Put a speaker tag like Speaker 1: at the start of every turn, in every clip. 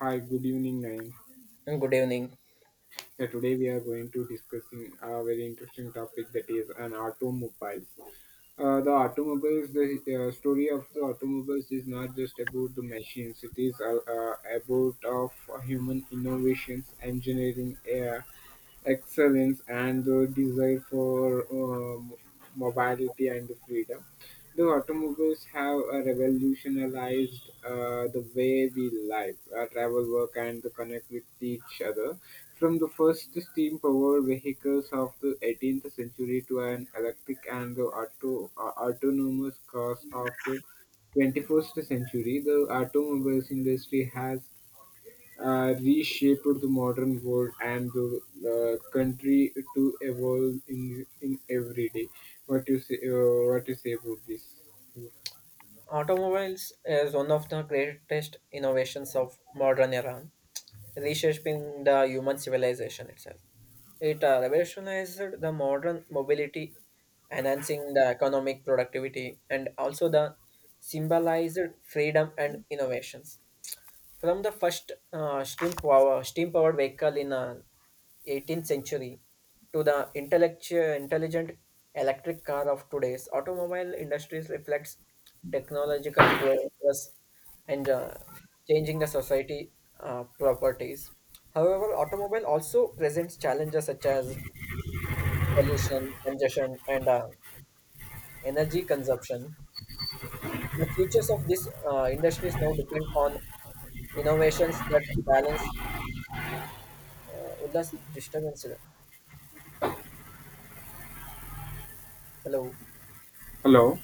Speaker 1: Hi, good evening, Nayan.
Speaker 2: And good evening.
Speaker 1: Yeah, today we are going to discussing a very interesting topic that is an automobiles. The automobiles, the story of the automobiles is not just about the machines. It is about of human innovations, engineering, excellence and the desire for mobility and freedom. The automobiles have revolutionized the way we live, travel, work, and connect with each other. From the first steam powered vehicles of the 18th century to an electric and the autonomous cars of the 21st century, the automobiles industry has reshaped the modern world and the country to evolve in every day. What you say? What you say about this?
Speaker 2: Automobiles is one of the greatest innovations of modern era, reshaping the human civilization itself. It revolutionized the modern mobility, enhancing the economic productivity and also the symbolized freedom and innovations. From the first steam powered vehicle in 18th century to the intelligent electric car of today's automobile industries reflects technological progress and changing the society properties. However, automobile also presents challenges such as pollution, congestion, and energy consumption. The futures of these industries now depend on innovations that balance Ullas disturbance ಇದೆ. Hello.
Speaker 1: Hello,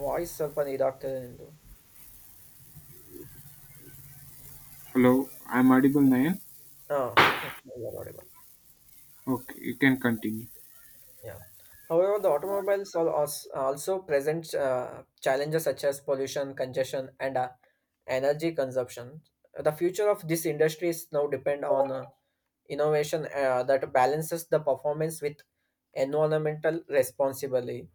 Speaker 2: voice ಸ್ವಲ್ಪ ಇದಾಗ್ತದೆ ನಿಂದು.
Speaker 1: hello. I'm audible, Nayan.
Speaker 2: Oh, okay, you're audible.
Speaker 1: Okay, you can continue.
Speaker 2: Yeah. However, the automobiles also present challenges such as pollution, congestion, and energy consumption. The future of this industry is now depend on innovation that balances the performance with environmental responsibility.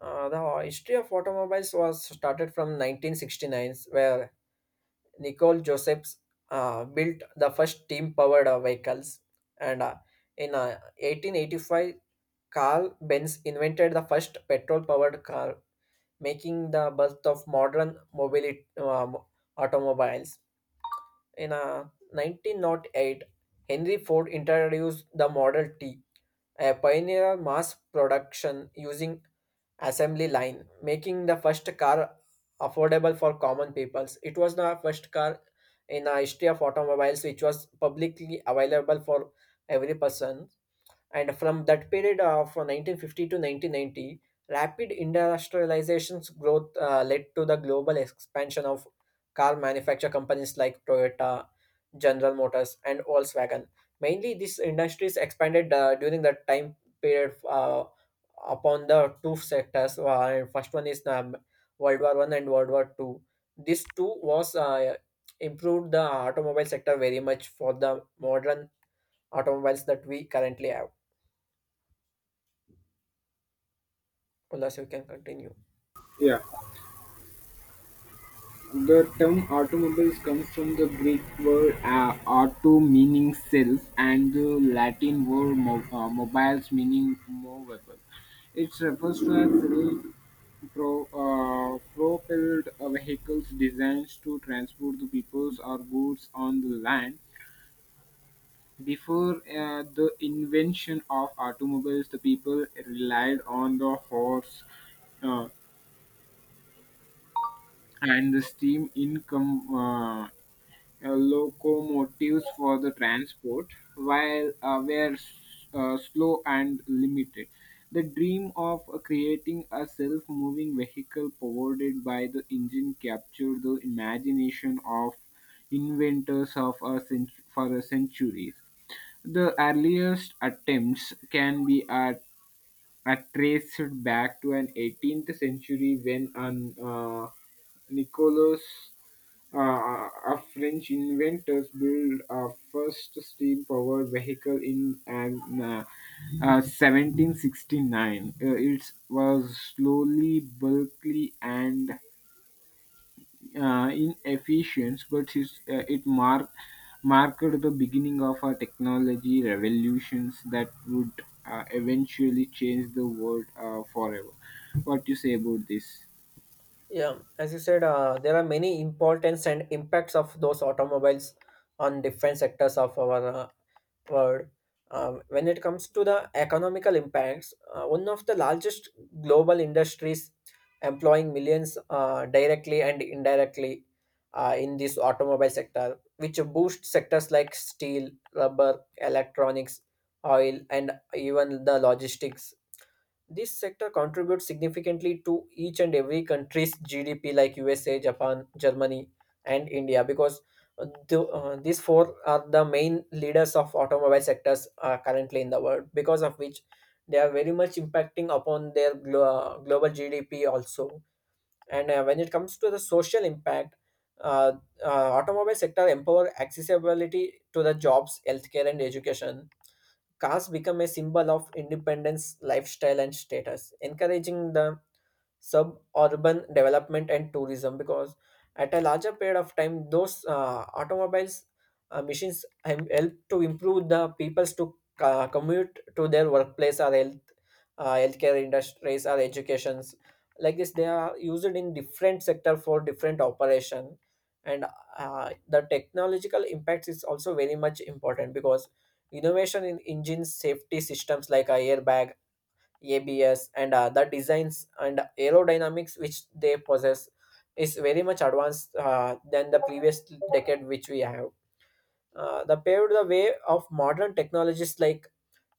Speaker 2: The history of automobiles was started from 1969, where Nicole Josephs built the first steam-powered vehicles, and in 1885 Carl Benz invented the first petrol-powered car, making the birth of modern mobility automobiles. In 1908, Henry Ford introduced the Model T, a pioneer mass production using assembly line, making the first car affordable for common peoples. It was the first car in the history of automobiles which was publicly available for every person, and from that period of 1950 to 1990, rapid industrialization's growth led to the global expansion of car manufacture companies like Toyota, General Motors, and Volkswagen. Mainly, these industries expanded during the time period upon the two sectors. First one is World War I and World War II. This two was improved the automobile sector very much for the modern automobiles that we currently have. Plus, you can continue.
Speaker 1: Yeah. The term automobiles comes from the Greek word auto meaning self and the Latin word mobiles meaning movable. It refers to a self propelled vehicles designed to transport the peoples or goods on the land. Before the invention of automobiles, the people relied on the horse uh, and the steam income. Locomotives for the transport, while were slow and limited. The dream of creating a self-moving vehicle powered by the engine captured the imagination of inventors of for a centuries. The earliest attempts can be at are traced back to an 18th century when an Nicolas, uh, a French inventor, built a first steam-powered vehicle in 1769. It was slowly, bulky, and inefficient, but it marked the beginning of a technology revolutions that would eventually change the world forever. What do you say about this?
Speaker 2: Yeah, as you said, there are many importance and impacts of those automobiles on different sectors of our world. When it comes to the economical impacts, one of the largest global industries employing millions directly and indirectly in this automobile sector, which boosts sectors like steel, rubber, electronics, oil, and even the logistics. This sector contributes significantly to each and every country's GDP, like USA, Japan, Germany, and India, because these four are the main leaders of automobile sectors currently in the world. Because of which, they are very much impacting upon their global GDP also. And when it comes to the social impact, uh, automobile sector empower accessibility to the jobs, healthcare, and education. Cars become a symbol of independence, lifestyle, and status, encouraging the suburban development and tourism, because at a larger period of time those automobiles machines help to improve the people's to commute to their workplace or health healthcare industries or educations. Like this they are used in different sector for different operation, and the technological impacts is also very much important, because innovation in engine safety systems like a airbag, ABS, and the designs and aerodynamics which they possess is very much advanced than the previous decade which we have. The paved the way of modern technologies like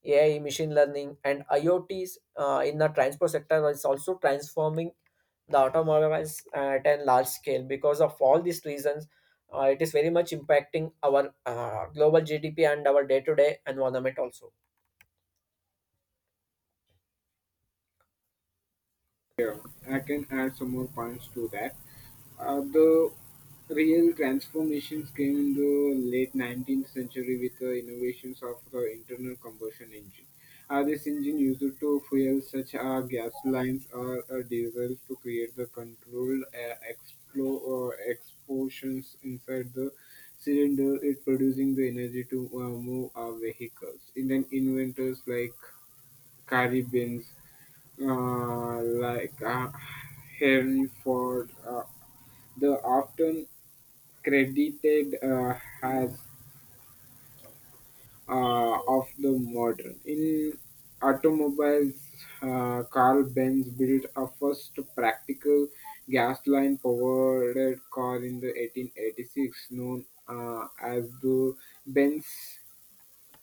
Speaker 2: AI, machine learning, and IoTs in the transport sector is also transforming the automobiles at a large scale. Because of all these reasons, it is very much impacting our global GDP and our day-to-day environment also.
Speaker 1: Yeah, I can add some more points to that. The real transformations came in the late 19th century with the innovations of the internal combustion engine. This engine used to fuel such as gasolines or diesel to create the controlled or explosions inside the cylinder, it producing the energy to move our vehicles. And then inventors like Cary Benz uh, like uh, Henry Ford, the often credited as of the modern. In automobiles, Carl Benz built a first practical gas line powered car in the 1886, known as the Benz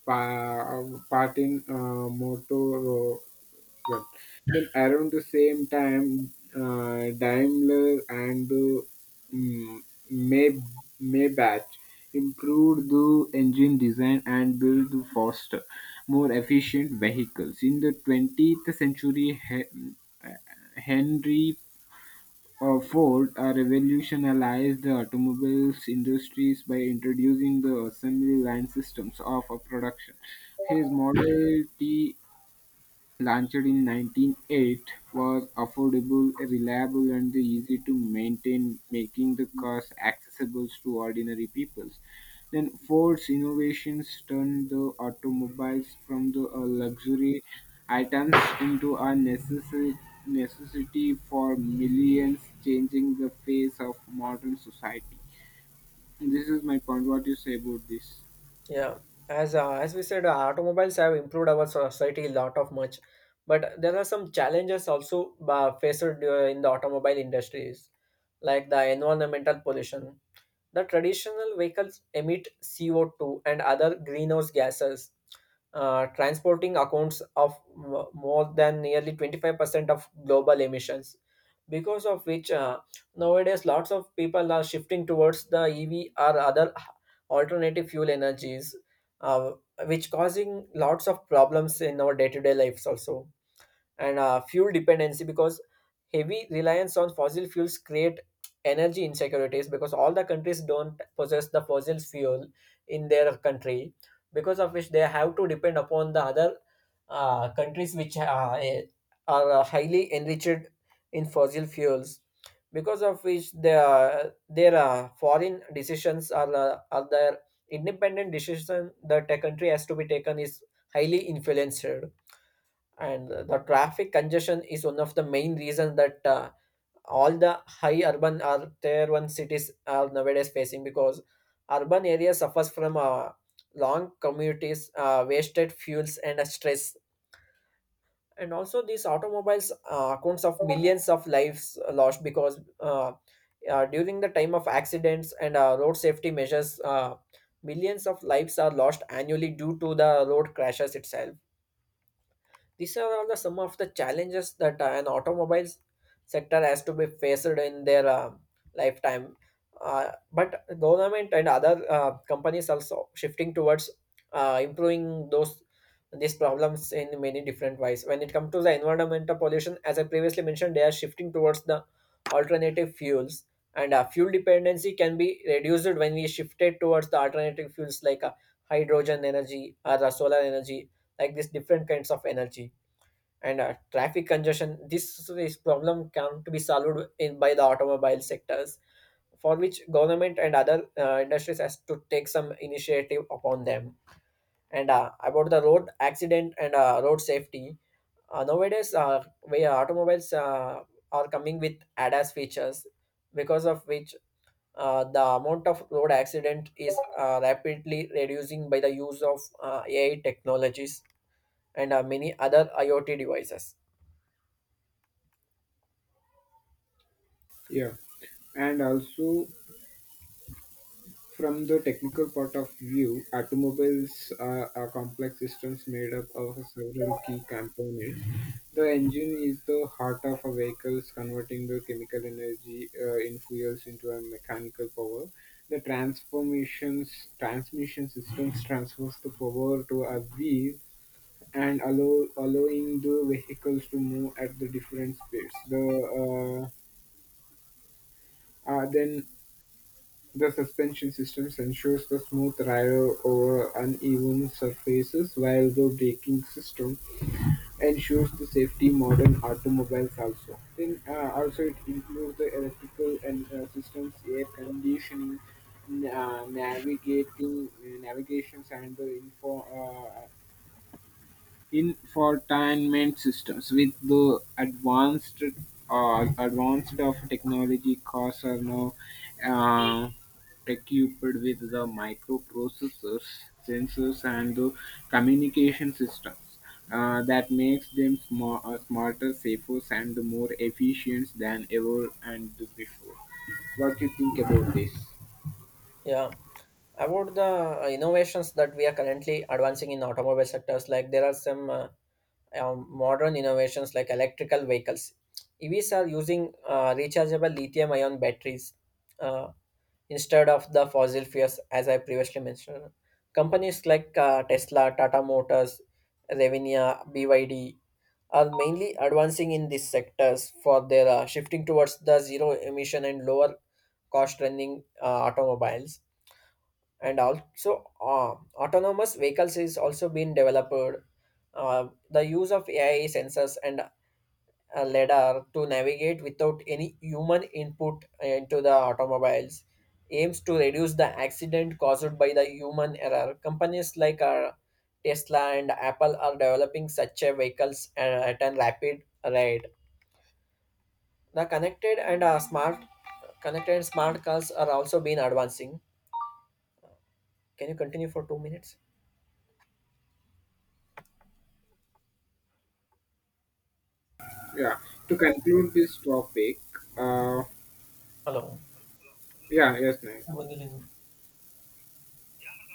Speaker 1: pa- part in Motorola. Then around the same time, Daimler and mm, May Maybach improved the engine design and built the faster, more efficient vehicles. In the 20th century, Henry Ford revolutionized the automobiles industries by introducing the assembly line systems of a production. His Model T launched in 1908, was affordable, reliable and easy to maintain, making the cars accessible to ordinary people. Then Ford's innovations turned the automobiles from the luxury items into a necessary necessity for millions, changing the face of modern society. This is my point. What do you say about this?
Speaker 2: Yeah, as we said, automobiles have improved our society a lot of much, but there are some challenges also faced in the automobile industries, like the environmental pollution. The traditional vehicles emit CO2 and other greenhouse gases, transporting accounts of more than nearly 25% of global emissions, because of which nowadays lots of people are shifting towards the EV or other alternative fuel energies, uh, which causing lots of problems in our day-to-day lives also, and fuel dependency, because heavy reliance on fossil fuels create energy insecurities, because all the countries don't possess the fossil fuel in their country, because of which they have to depend upon the other countries which are highly enriched in fossil fuels, because of which their foreign decisions are are their independent decision that a country has to be taken is highly influenced. And the traffic congestion is one of the main reasons that all the high urban or tier one cities are nowadays facing, because urban areas suffers from long commutes, wasted fuels, and stress. And also these automobiles accounts of millions of lives lost, because during the time of accidents and road safety measures, millions of lives are lost annually due to the road crashes itself. These are all the some of the challenges that an automobile sector has to be faced in their lifetime. But government and other companies also shifting towards improving those these problems in many different ways. When it comes to the environmental pollution, as I previously mentioned, they are shifting towards the alternative fuels, and fuel dependency can be reduced when we shifted towards the alternative fuels like hydrogen energy or solar energy, like these different kinds of energy. And traffic congestion, this problem can to be solved in by the automobile sectors, for which government and other industries has to take some initiative upon them. And about the road accident and road safety, nowadays we automobiles are coming with ADAS features, because of which the amount of road accident is rapidly reducing by the use of AI technologies and many other IoT devices.
Speaker 1: Yeah, and also from the technical point of view, automobiles are complex systems made up of several key components. The engine is the heart of a vehicle, converting the chemical energy in fuels into a mechanical power. The transformations transmission systems transfers the power to a wheel and allowing the vehicles to move at the different speeds. Uh, then The suspension system ensures the smooth ride over uneven surfaces, while the braking system ensures the safety modern automobiles also. Then also it includes the electrical and systems, air conditioning, n- uh, navigating, navigations and the infotainment systems. With the advanced of technology, cars are now uh, equipped with the microprocessors, sensors, and the communication systems. That makes them smarter, safer, and more efficient than ever and before. What do you think about this?
Speaker 2: Yeah, about the innovations that we are currently advancing in automobile sectors, like there are some modern innovations like electrical vehicles. EVs are using rechargeable lithium ion batteries uh, instead of the fossil fuels, as I previously mentioned. Companies like Tesla, Tata Motors, Revinia, BYD are mainly advancing in these sectors for their shifting towards the zero emission and lower cost running automobiles. And also autonomous vehicles is also being developed. Uh, the use of AI sensors and a lidar to navigate without any human input into the automobiles aims to reduce the accident caused by the human error. Companies like Tesla and Apple are developing such a vehicles at a rapid rate. The connected and smart cars are also being advancing. Can you continue for 2 minutes?
Speaker 1: Yeah. To conclude this topic, uh,
Speaker 2: Hello.
Speaker 1: yeah, yes, ma'am.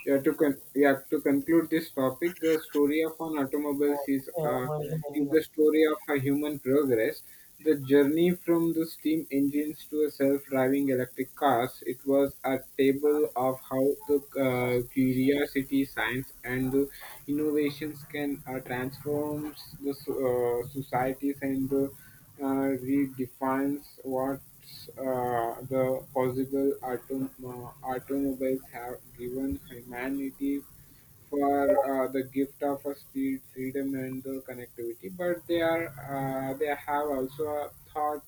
Speaker 1: Yeah, to conclude this topic, the story of an automobile
Speaker 2: Yeah, I'm already
Speaker 1: is
Speaker 2: ending up.
Speaker 1: the story of a human progress. The journey from the steam engines to a self-driving electric cars. It was a table of how the curiosity, science, and the innovations can transform the societies and redefines what the possible automobiles have given humanity for the gift of a speed, freedom, and the connectivity. But they have also taught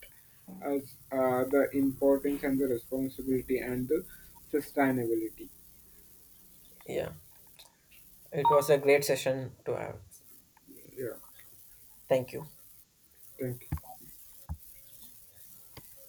Speaker 1: us the importance and the responsibility and the sustainability.
Speaker 2: Yeah, it was a great session to have.
Speaker 1: Yeah,
Speaker 2: Thank you.
Speaker 1: thank you.